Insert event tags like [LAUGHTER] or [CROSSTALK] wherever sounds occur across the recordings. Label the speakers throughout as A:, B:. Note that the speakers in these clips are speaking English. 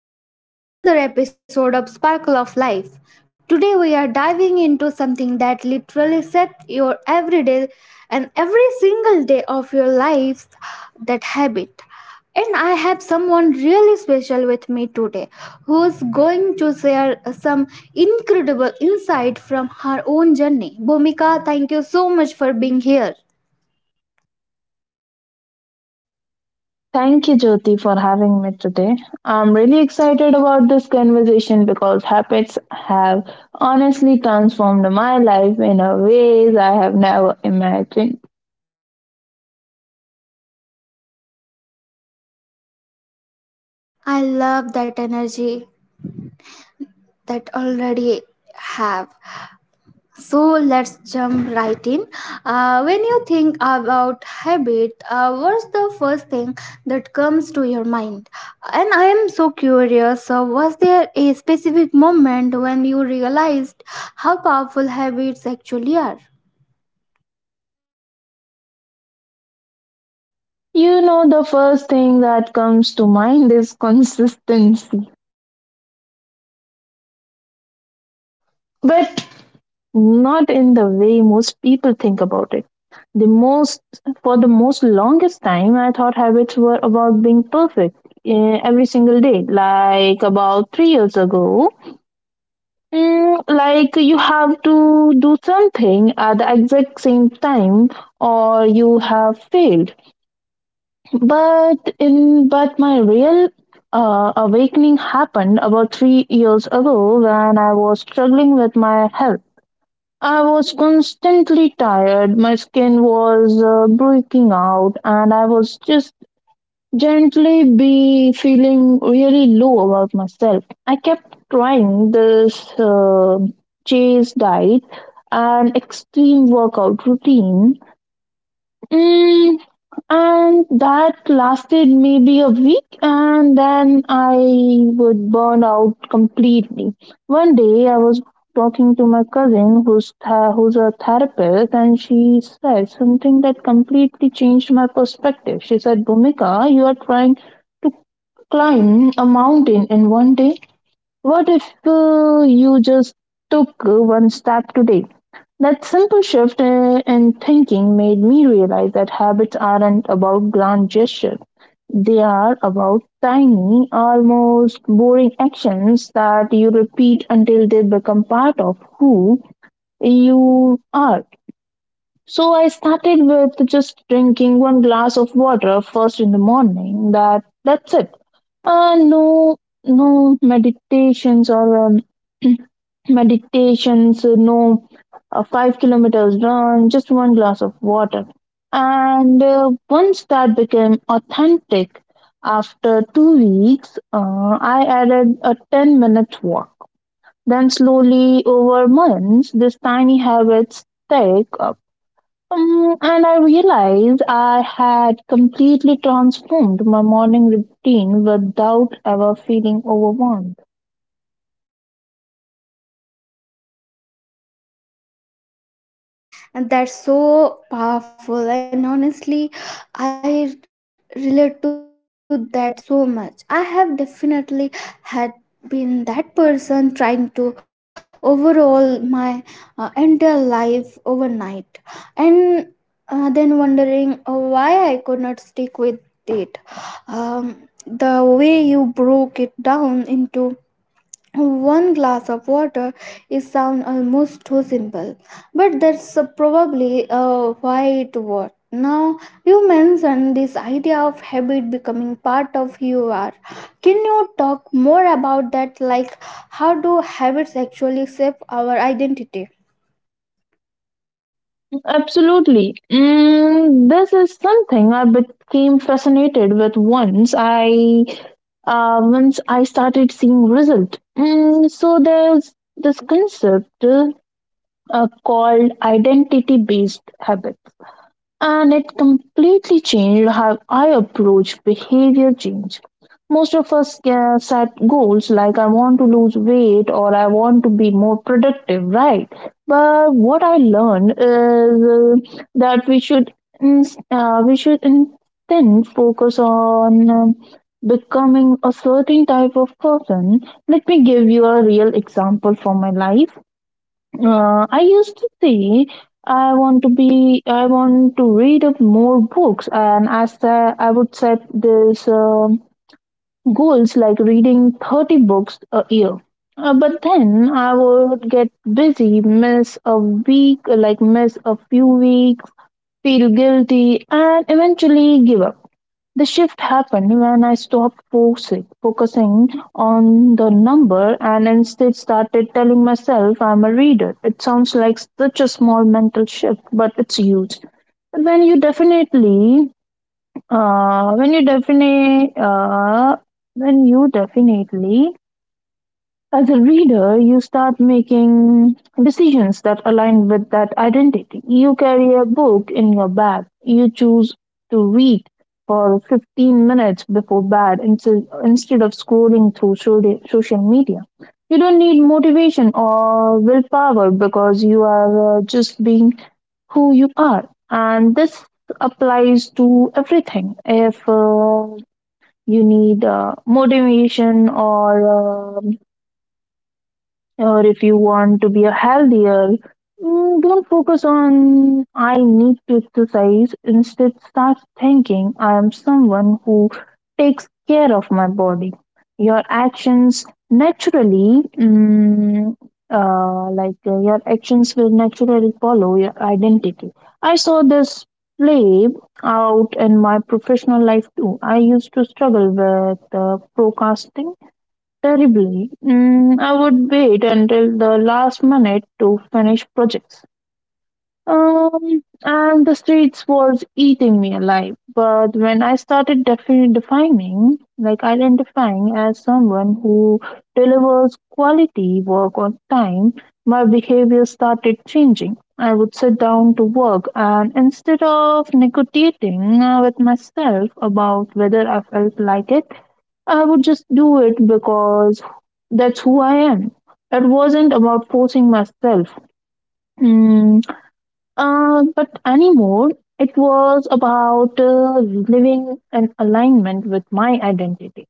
A: and welcome back to the another episode of Sparkle of Life. Today we are diving into something that literally sets your everyday and every single day of your life that habit. And I have someone really special with me today who's going to share some incredible insight from her own journey. Bhumika, thank you so much for being here.
B: Thank you, Jyoti, for having me today. I'm really excited about this conversation because habits have honestly transformed my life in a ways I have never imagined.
A: I love that energy that already have. So let's jump right in. When you think about habit, what's the first thing that comes to your mind? And I am so curious. Was there a specific moment when you realized how powerful habits actually are?
B: You know, the first thing that comes to mind is [LAUGHS] consistency, but not in the way most people think about it. The most, for the most longest time, I thought habits were about being perfect every single day, like about 3 years ago. Like you have to do something at the exact same time or you have failed. But my real awakening happened about 3 years ago when I was struggling with my health. I was constantly tired, my skin was breaking out, and I was just gently be feeling really low about myself. I kept trying this chase diet and extreme workout routine. Mm, and that lasted maybe a week, and then I would burn out completely. One day, I was talking to my cousin who's a therapist, and she said something that completely changed my perspective. She said, Bhumika, you are trying to climb a mountain in one day? What if you just took one step today? That simple shift in thinking made me realize that habits aren't about grand gestures. They are about tiny, almost boring actions that you repeat until they become part of who you are. So I started with just drinking one glass of water first in the morning. That's it. No, no meditations or [CLEARS THROAT] meditations. Uh, no, 5 kilometers run. Just one glass of water. And once that became authentic, after 2 weeks, I added a ten-minute walk. Then slowly over months, this tiny habit stayed, and I realized I had completely transformed my morning routine without ever feeling overwhelmed.
A: And that's so powerful, and honestly, I relate to that so much. I have definitely had been that person trying to overhaul my entire life overnight, and then wondering why I could not stick with it. Um, the way you broke it down into one glass of water is sound almost too simple, but that's probably why it worked. Now you mentioned this idea of habit becoming part of who you are. Can you talk more about that? Like, how do habits actually shape our identity?
B: Absolutely. This is something I became fascinated with once I started seeing result. So there's this concept called identity-based habit. And it completely changed how I approach behavior change. Most of us set goals like I want to lose weight or I want to be more productive, right? But what I learned is that we should instead focus on becoming a certain type of person. Let me give you a real example from my life. I used to say I want to be, I want to read up more books, and as the, I would set these goals like reading 30 books a year. But then I would get busy, miss a week, like miss a few weeks, feel guilty, and eventually give up. The shift happened when I stopped focusing on the number and instead started telling myself I'm a reader. It sounds like such a small mental shift, but it's huge. When you definitely, when you definitely, when you definitely as a reader, you start making decisions that align with that identity. You carry a book in your bag. You choose to read for 15 minutes before bed instead of scrolling through social media. You don't need motivation or willpower because you are just being who you are. And this applies to everything. If you need motivation or if you want to be a healthier, don't focus on I need to exercise. Instead, start thinking I am someone who takes care of my body. Your actions naturally mm, like your actions will naturally follow your identity. I saw this play out in my professional life too. I used to struggle with procrastination terribly. I would wait until the last minute to finish projects. And the streets was eating me alive. But when I started defining, like identifying as someone who delivers quality work on time, my behavior started changing. I would sit down to work, and instead of negotiating with myself about whether I felt like it, I would just do it because that's who I am. It wasn't about forcing myself. Mm, but anymore, it was about living in alignment with my identity.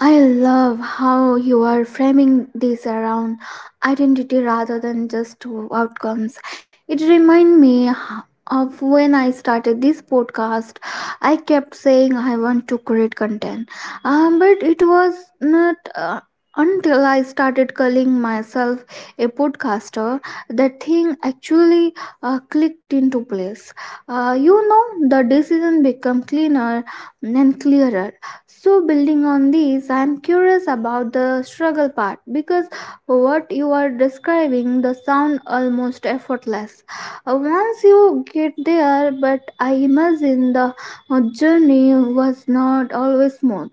A: I love how you are framing this around identity rather than just outcomes. It reminds me of when I started this podcast. I kept saying I want to create content, but it was not. Until I started calling myself a podcaster, that thing actually clicked into place. You know, the decision became cleaner and clearer. So, building on these, I'm curious about the struggle part, because what you are describing the sound almost effortless. Once you get there, but I imagine the journey was not always smooth.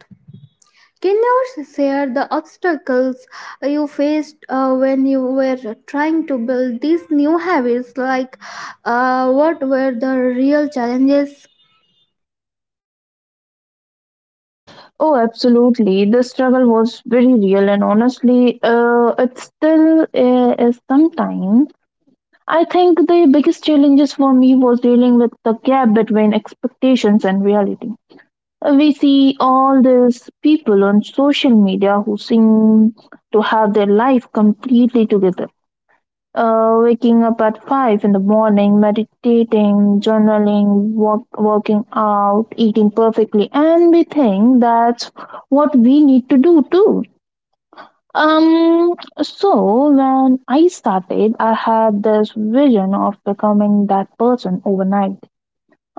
A: Can you share the obstacles you faced when you were trying to build these new habits? Like, what were the real challenges?
B: Oh, absolutely. The struggle was very real, and honestly, it still is sometimes. I think the biggest challenges for me was dealing with the gap between expectations and reality. We see all these people on social media who seem to have their life completely together. Waking up at 5 in the morning, meditating, journaling, working out, eating perfectly, and we think that's what we need to do too. Um, so when I started, I had this vision of becoming that person overnight.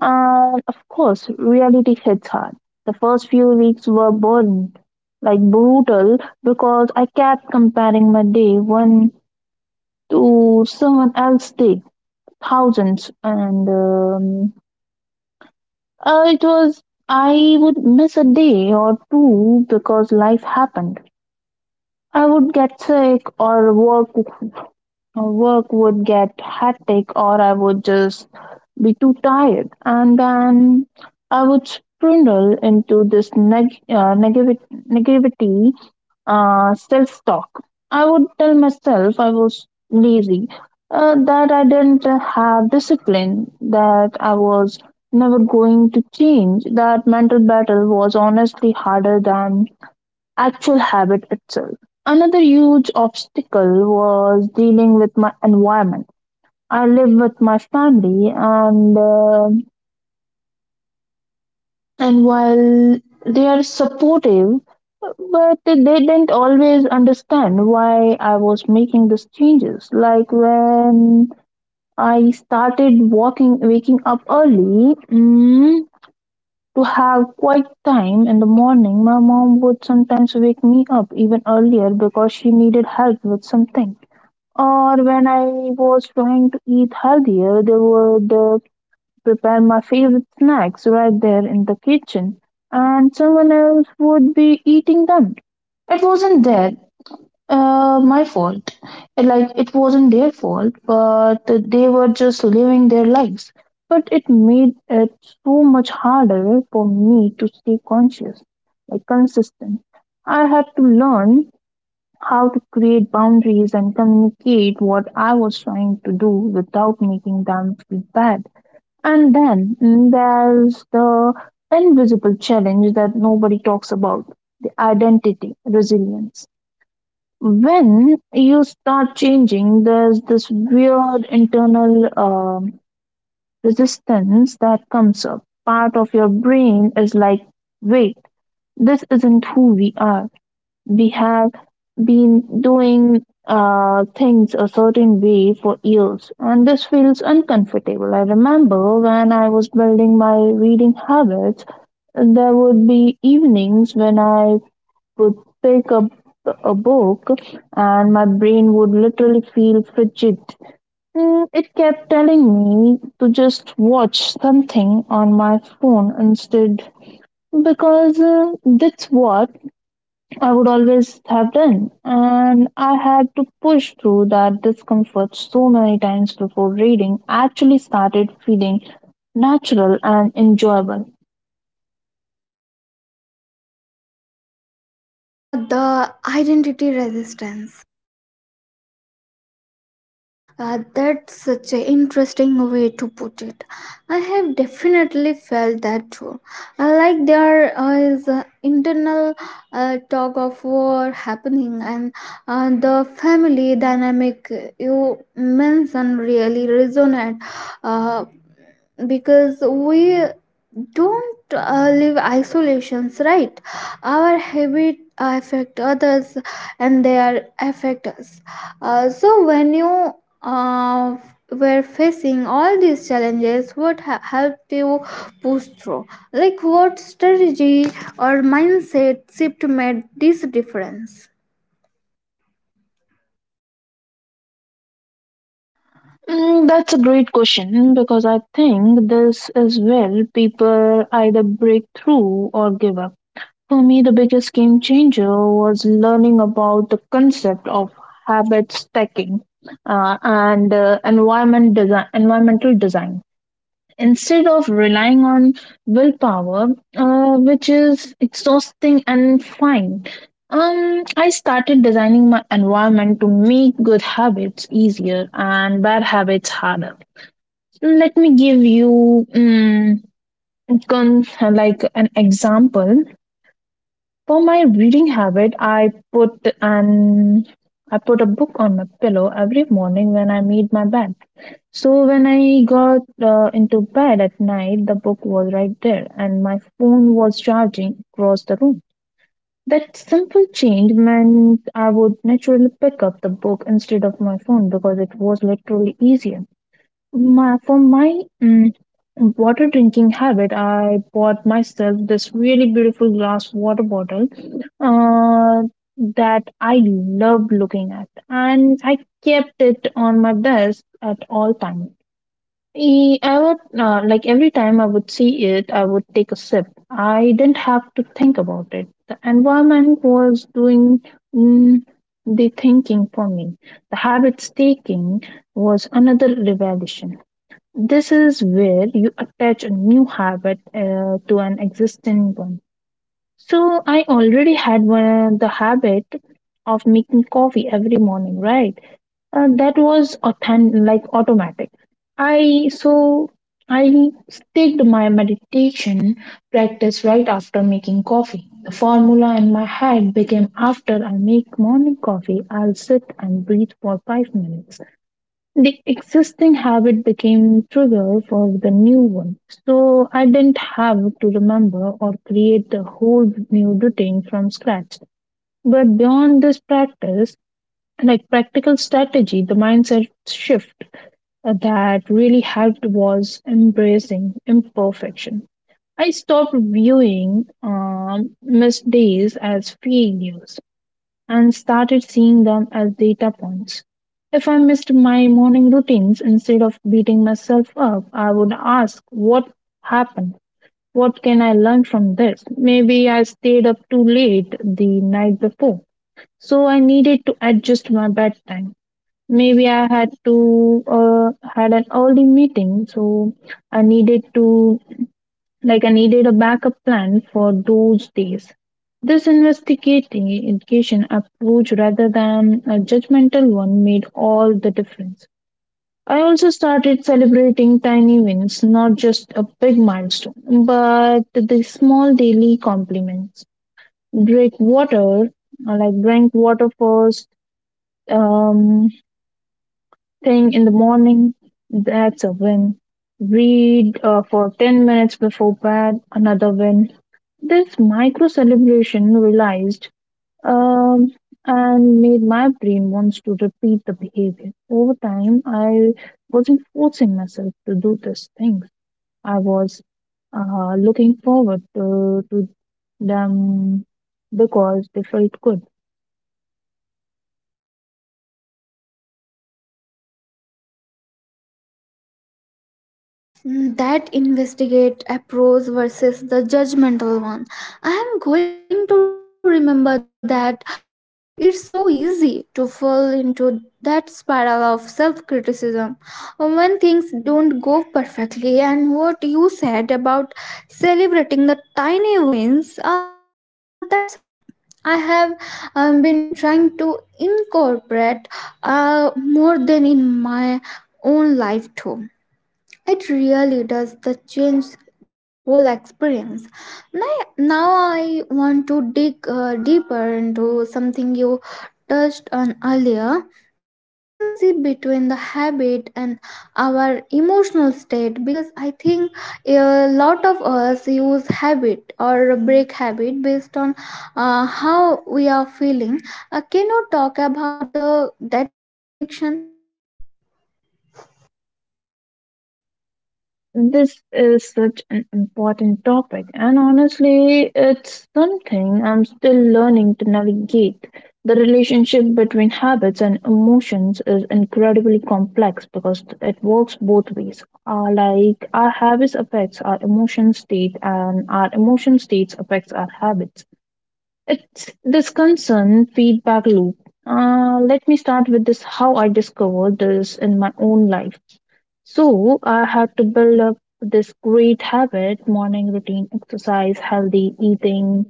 B: And of course, reality hits hard. The first few weeks were boring, like brutal, because I kept comparing my day one to someone else's day, thousands, and it was I would miss a day or two because life happened. I would get sick or work would get hectic or I would just be too tired. And then I would sprindle into this negativity self talk. I would tell myself I was lazy, that I didn't have discipline, that I was never going to change. That mental battle was honestly harder than actual habit itself. Another huge obstacle was dealing with my environment. I live with my family, and while they are supportive, but they didn't always understand why I was making these changes. Like when I started walking, waking up early to have quiet time in the morning, my mom would sometimes wake me up even earlier because she needed help with something. Or when I was trying to eat healthier, they would prepare my favorite snacks right there in the kitchen, and someone else would be eating them. It wasn't their my fault. Like it wasn't their fault, but they were just living their lives. But it made it so much harder for me to stay conscious, like consistent. I had to learn how to create boundaries and communicate what I was trying to do without making them feel bad. And then, there's the invisible challenge that nobody talks about, the identity, resilience. When you start changing, there's this weird internal resistance that comes up. Part of your brain is like, wait, this isn't who we are. We have been doing things a certain way for years, and this feels uncomfortable. I remember when I was building my reading habits, there would be evenings when I would pick up a book and my brain would literally feel frigid. It kept telling me to just watch something on my phone instead because that's what I would always have done. And I had to push through that discomfort so many times before reading actually started feeling natural and enjoyable.
A: The identity resistance, that's such an interesting way to put it. I have definitely felt that too. Like there is an internal tug of war happening, and the family dynamic you mentioned really resonate. Uh, because we don't live isolations, right? Our habit affect others, and they are affect us, so when you uh, were facing all these challenges, what helped you push through? Like, what strategy or mindset shift made this difference?
B: Mm, that's a great question because I think this is where people either break through or give up. For me, the biggest game changer was learning about the concept of habit stacking and environment design, environmental design. Instead of relying on willpower, which is exhausting and fine, I started designing my environment to make good habits easier and bad habits harder. Let me give you con- like an example. For my reading habit, I put a book on my pillow every morning when I made my bed. So when I got into bed at night, the book was right there, and my phone was charging across the room. That simple change meant I would naturally pick up the book instead of my phone because it was literally easier. For my water drinking habit, I bought myself this really beautiful glass water bottle uh, that I loved looking at, and I kept it on my desk at all times. I would, like every time I would see it, I would take a sip. I didn't have to think about it. The environment was doing, mm, the thinking for me. The habit staking was another revelation. This is where you attach a new habit to an existing one. So I already had one, the habit of making coffee every morning, right? That was like automatic. I so I staked my meditation practice right after making coffee. The formula in my head became after I make morning coffee, I'll sit and breathe for 5 minutes. The existing habit became trigger for the new one, so I didn't have to remember or create a whole new routine from scratch. But beyond this practice, like practical strategy, the mindset shift that really helped was embracing imperfection. I stopped viewing missed days as failures and started seeing them as data points. If I missed my morning routines, instead of beating myself up, I would ask, what happened? What can I learn from this? Maybe I stayed up too late the night before, so I needed to adjust my bedtime. Maybe I had to had an early meeting, so I needed to I needed a backup plan for those days. This investigation approach rather than a judgmental one made all the difference. I also started celebrating tiny wins, not just a big milestone, but the small daily compliments. Drink water, Drink water first um, thing in the morning, that's a win. Read for 10 minutes before bed, another win. This micro celebration realized um, and made my brain wants to repeat the behavior. Over time, I wasn't forcing myself to do these things. I was looking forward to them because they felt good.
A: Mm, that investigate approach versus the judgmental one, I am going to remember that. It's so easy to fall into that spiral of self-criticism when things don't go perfectly. And what you said about celebrating the tiny wins, so that's something I have been trying to incorporate more than in my own life too. It really does the change the whole experience. Now, now I want to dig deeper into something you touched on earlier: the relationship between the habit and our emotional state. Because I think a lot of us use habit or break habit based on how we are feeling. Can you talk about the that connection?
B: This is such an important topic, and honestly, it's something I'm still learning to navigate. The relationship between habits and emotions is incredibly complex because it works both ways. Our habits affects our emotion state, and our emotion states affects our habits. It's this concern feedback loop. Let me start with this: how I discovered this in my own life. So I had to build up this great habit, morning routine, exercise, healthy eating,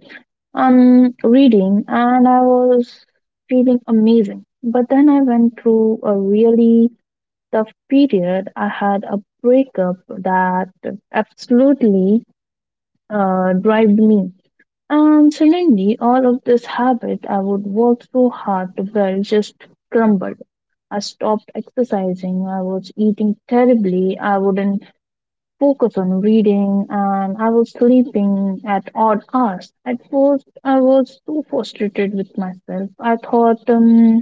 B: reading, and I was feeling amazing. But then I went through a really tough period. I had a breakup that absolutely drived me. And suddenly, all of this habit I would work so hard to build just crumbled. I stopped exercising. I was eating terribly. I wouldn't focus on reading and I was sleeping at odd hours. At first, I was so frustrated with myself. I thought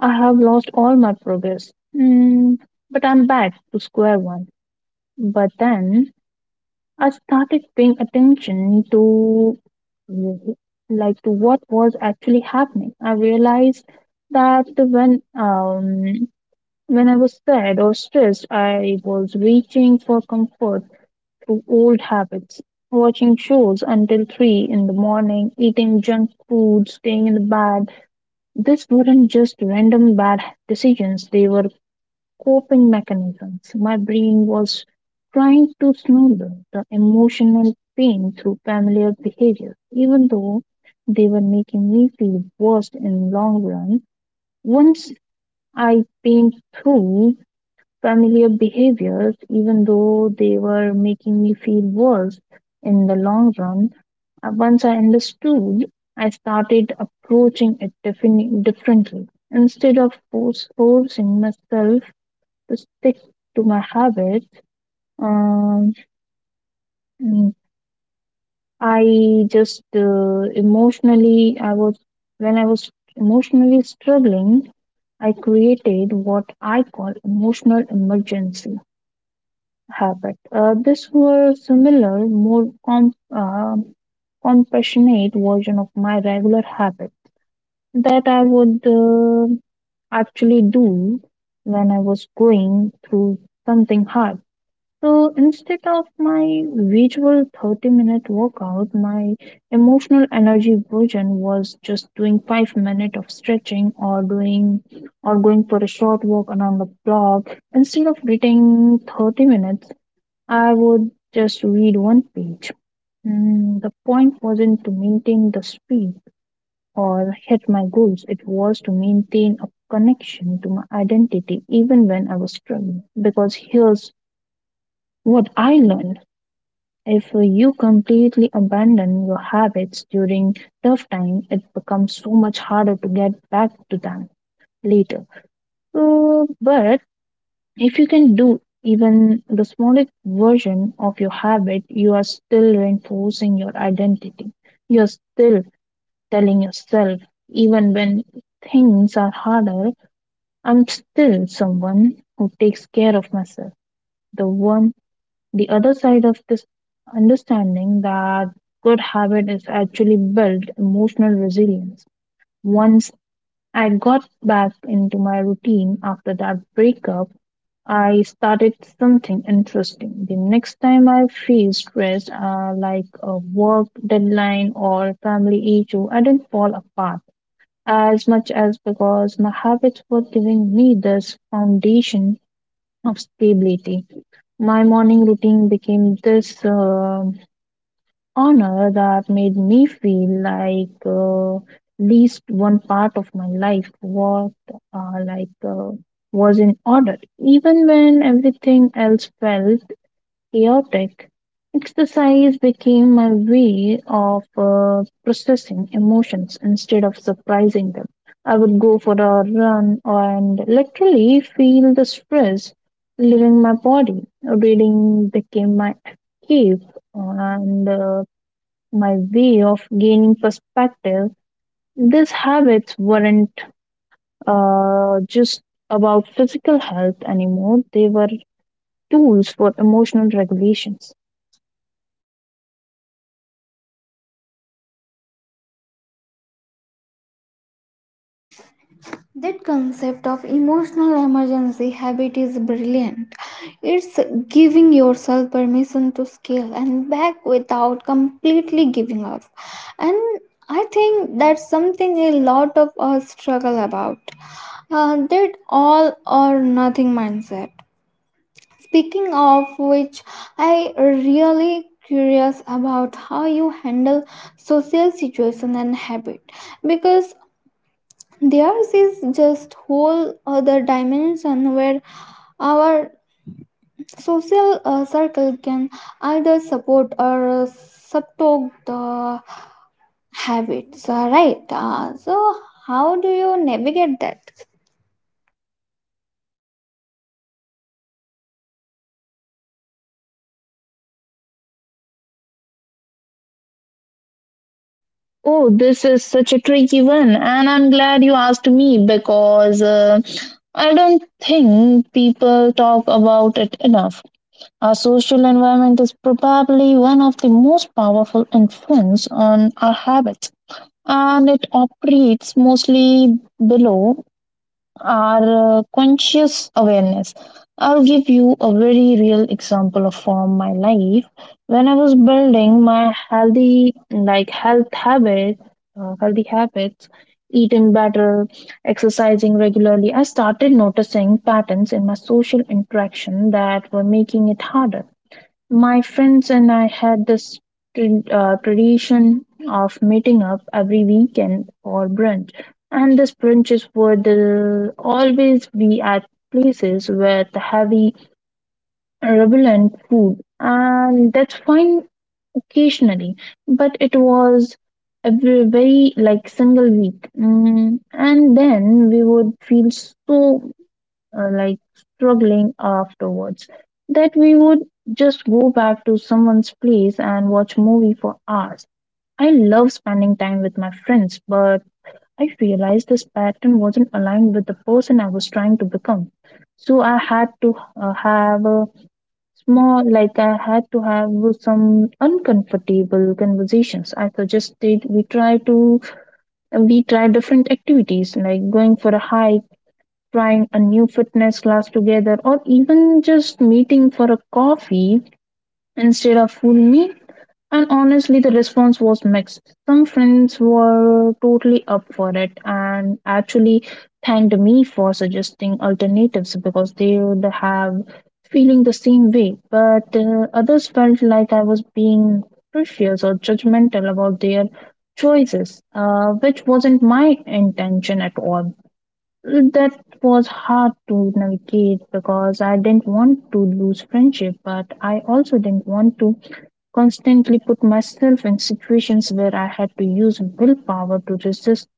B: I have lost all my progress. Mm, but I'm back to square one. But then I started paying attention to to what was actually happening. I realized that when I was sad or stressed, I was reaching for comfort to old habits. Watching shows until 3 in the morning, eating junk food, staying in the bed. These weren't just random bad decisions, they were coping mechanisms. My brain was trying to smother the emotional pain through familiar behaviors, even though they were making me feel worse in the long run. Once I pain through familiar behaviors, even though they were making me feel worse in the long run. Once I understood, I started approaching it differently. Instead of forcing myself to stick to my habits, um, mm, I just emotionally, I was when I was emotionally struggling, I created what I call emotional emergency habit. This was similar, more compassionate version of my regular habit that I would actually do when I was going through something hard. So instead of my usual 30-minute workout, my emotional energy version was just doing 5 minutes of stretching or going for a short walk around the block. Instead of reading 30 minutes, I would just read one page. Mm, the point wasn't to maintain the speed or hit my goals, it was to maintain a connection to my identity even when I was struggling. Because here's what I learned: if you completely abandon your habits during tough time, it becomes so much harder to get back to them later. But if you can do even the smallest version of your habit, you are still reinforcing your identity. You're still telling yourself, even when things are harder, I'm still someone who takes care of myself. The one, the other side of this: understanding that good habit is actually built emotional resilience. Once I got back into my routine after that breakup, I started something interesting. The next time I feel stressed, a work deadline or family issue, I didn't fall apart as much as because my habits were giving me this foundation of stability. My morning routine became this honor that made me feel like least one part of my life was uh, like uh, was in order even when everything else felt chaotic. Exercise became my way of processing emotions instead of suppressing them. I would go for a run and literally feel the stress leaving my body. Reading became my escape and my way of gaining perspective. These habits weren't just about physical health anymore, they were tools for emotional regulations.
A: That concept of emotional emergency habit is brilliant. It's giving yourself permission to scale and back without completely giving up. And I think that's something a lot of us struggle about. That all or nothing mindset. Speaking of which, I really curious about how you handle social situation and habit. Because theirs is just whole other dimension where our social circle can either support or subdue the habits, right? So how do you navigate that?
B: Oh, this is such a tricky one, and I'm glad you asked me because I don't think people talk about it enough. Our social environment is probably one of the most powerful influence on our habits, and it operates mostly below are conscious awareness. I'll give you a very real example of from my life. When I was building my health healthy habits, eating better, exercising regularly, I started noticing patterns in my social interaction that were making it harder. My friends and I had this tradition of meeting up every weekend for brunch, and these brunches would always be at places with heavy, relevant food, and that's fine occasionally, but it was a very single week, mm, and then we would feel so uh, like struggling afterwards that we would just go back to someone's place and watch movie for hours. I love spending time with my friends, but I realized this pattern wasn't aligned with the person I was trying to become. So I had to have a small, like I had to have some uncomfortable conversations. I suggested we try different activities like going for a hike, trying a new fitness class together, or even just meeting for a coffee instead of full meal. And honestly, the response was mixed. Some friends were totally up for it and actually thanked me for suggesting alternatives because they would have feeling the same way. But others felt like I was being precious or judgmental about their choices, which wasn't my intention at all. That was hard to navigate because I didn't want to lose friendship, but I also didn't want to constantly put myself in situations where I had to use willpower to resist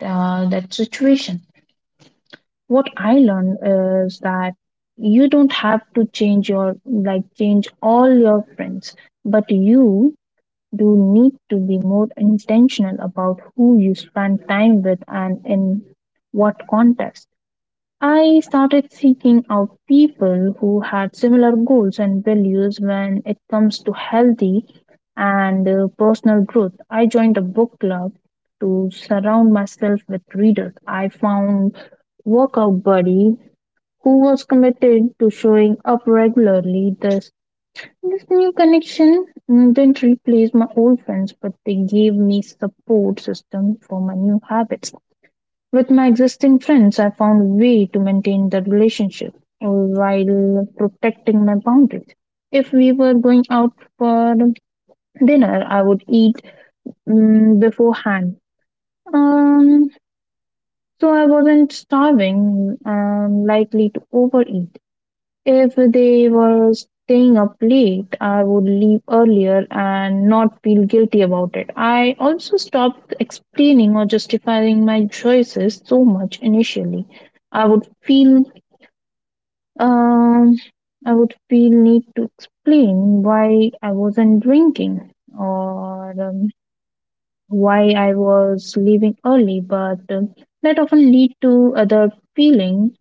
B: that situation. What I learned is that you don't have to change all your friends, but you do need to be more intentional about who you spend time with and in what context. I started seeking out people who had similar goals and values when it comes to healthy and personal growth. I joined a book club to surround myself with readers. I found workout buddy who was committed to showing up regularly. This new connection, mm, didn't replace my old friends, but they gave me support system for my new habits. With my existing friends, I found a way to maintain the relationship while protecting my boundaries. If we were going out for dinner, I would eat mm beforehand. Um, so I wasn't starving and likely to overeat. If they were staying up late, I would leave earlier and not feel guilty about it. I also stopped explaining or justifying my choices so much initially. I would feel um I would feel need to explain why I wasn't drinking or why I was leaving early, but that often lead to other feeling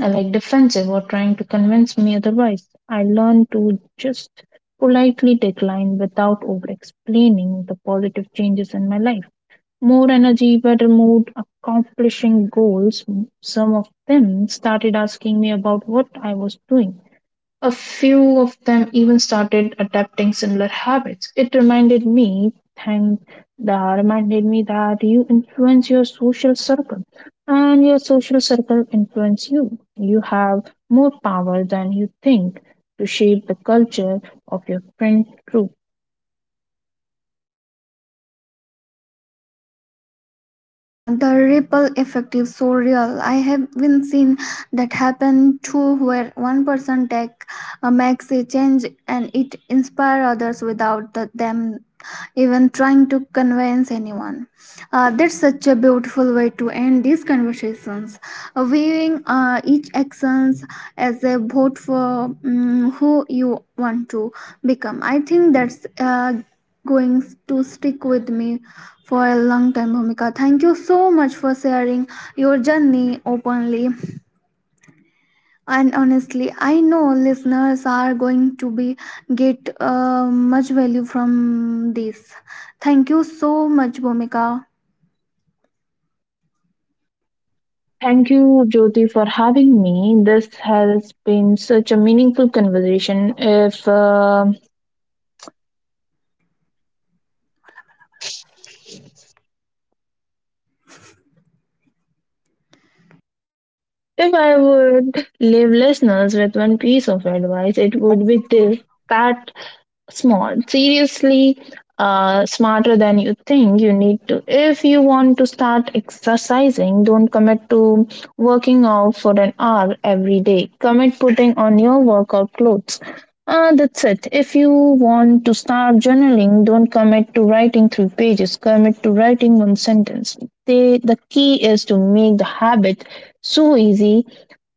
B: I like defensive or trying to convince me otherwise. I learned to just politely decline without over explaining the positive changes in my life. More energy, better mood, accomplishing goals. Some of them started asking me about what I was doing. A few of them even started adapting similar habits. It reminded me, thank that reminded me that you influence your social circle and your social circle influence you. You have more power than you think to shape the culture of your friend group.
A: Ah, the ripple effect is so real. I have been seen that happen too, where one person take makes a change and it inspire others without them even trying to convince anyone. That's such a beautiful way to end these conversations, viewing each actions as a vote for who you want to become. I think that's going to stick with me for a long time, Bhumika. Thank you so much for sharing your journey openly and honestly. I know listeners are going to be get much value from this. Thank you so much, Bhumika.
B: Thank you, Jyoti, for having me. This has been such a meaningful conversation. If I would leave listeners with one piece of advice, it would be this: start small. Seriously, smarter than you think you need to. If you want to start exercising, don't commit to working out for an hour every day. Commit putting on your workout clothes. That's it. If you want to start journaling, don't commit to writing three pages. Commit to writing one sentence. The key is to make the habit so easy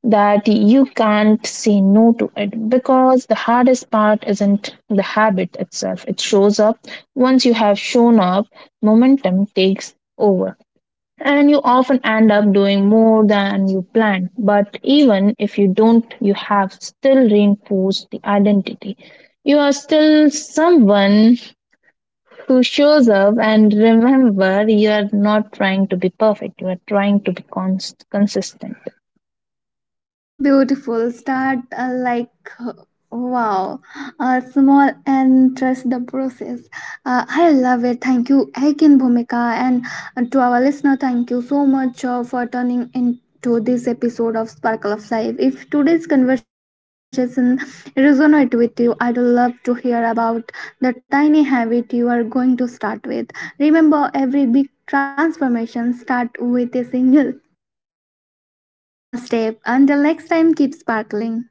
B: that you can't say no to it, because the hardest part isn't the habit itself, it shows up. Once you have shown up, momentum takes over, and you often end up doing more than you planned. But even if you don't, you have still reinforced the identity. You are still someone who shows up. And remember, you are not trying to be perfect, you are trying to be consistent.
A: Beautiful. Start like wow. Small and trust the process. I love it. Thank you again, Bhumika, and to our listener, thank you so much for turning into this episode of Sparkle of Life. If today's conversation resonated with you, I'd love to hear about the tiny habit you are going to start with. Remember, every big transformation starts with a single small step. Until next time, keep sparkling.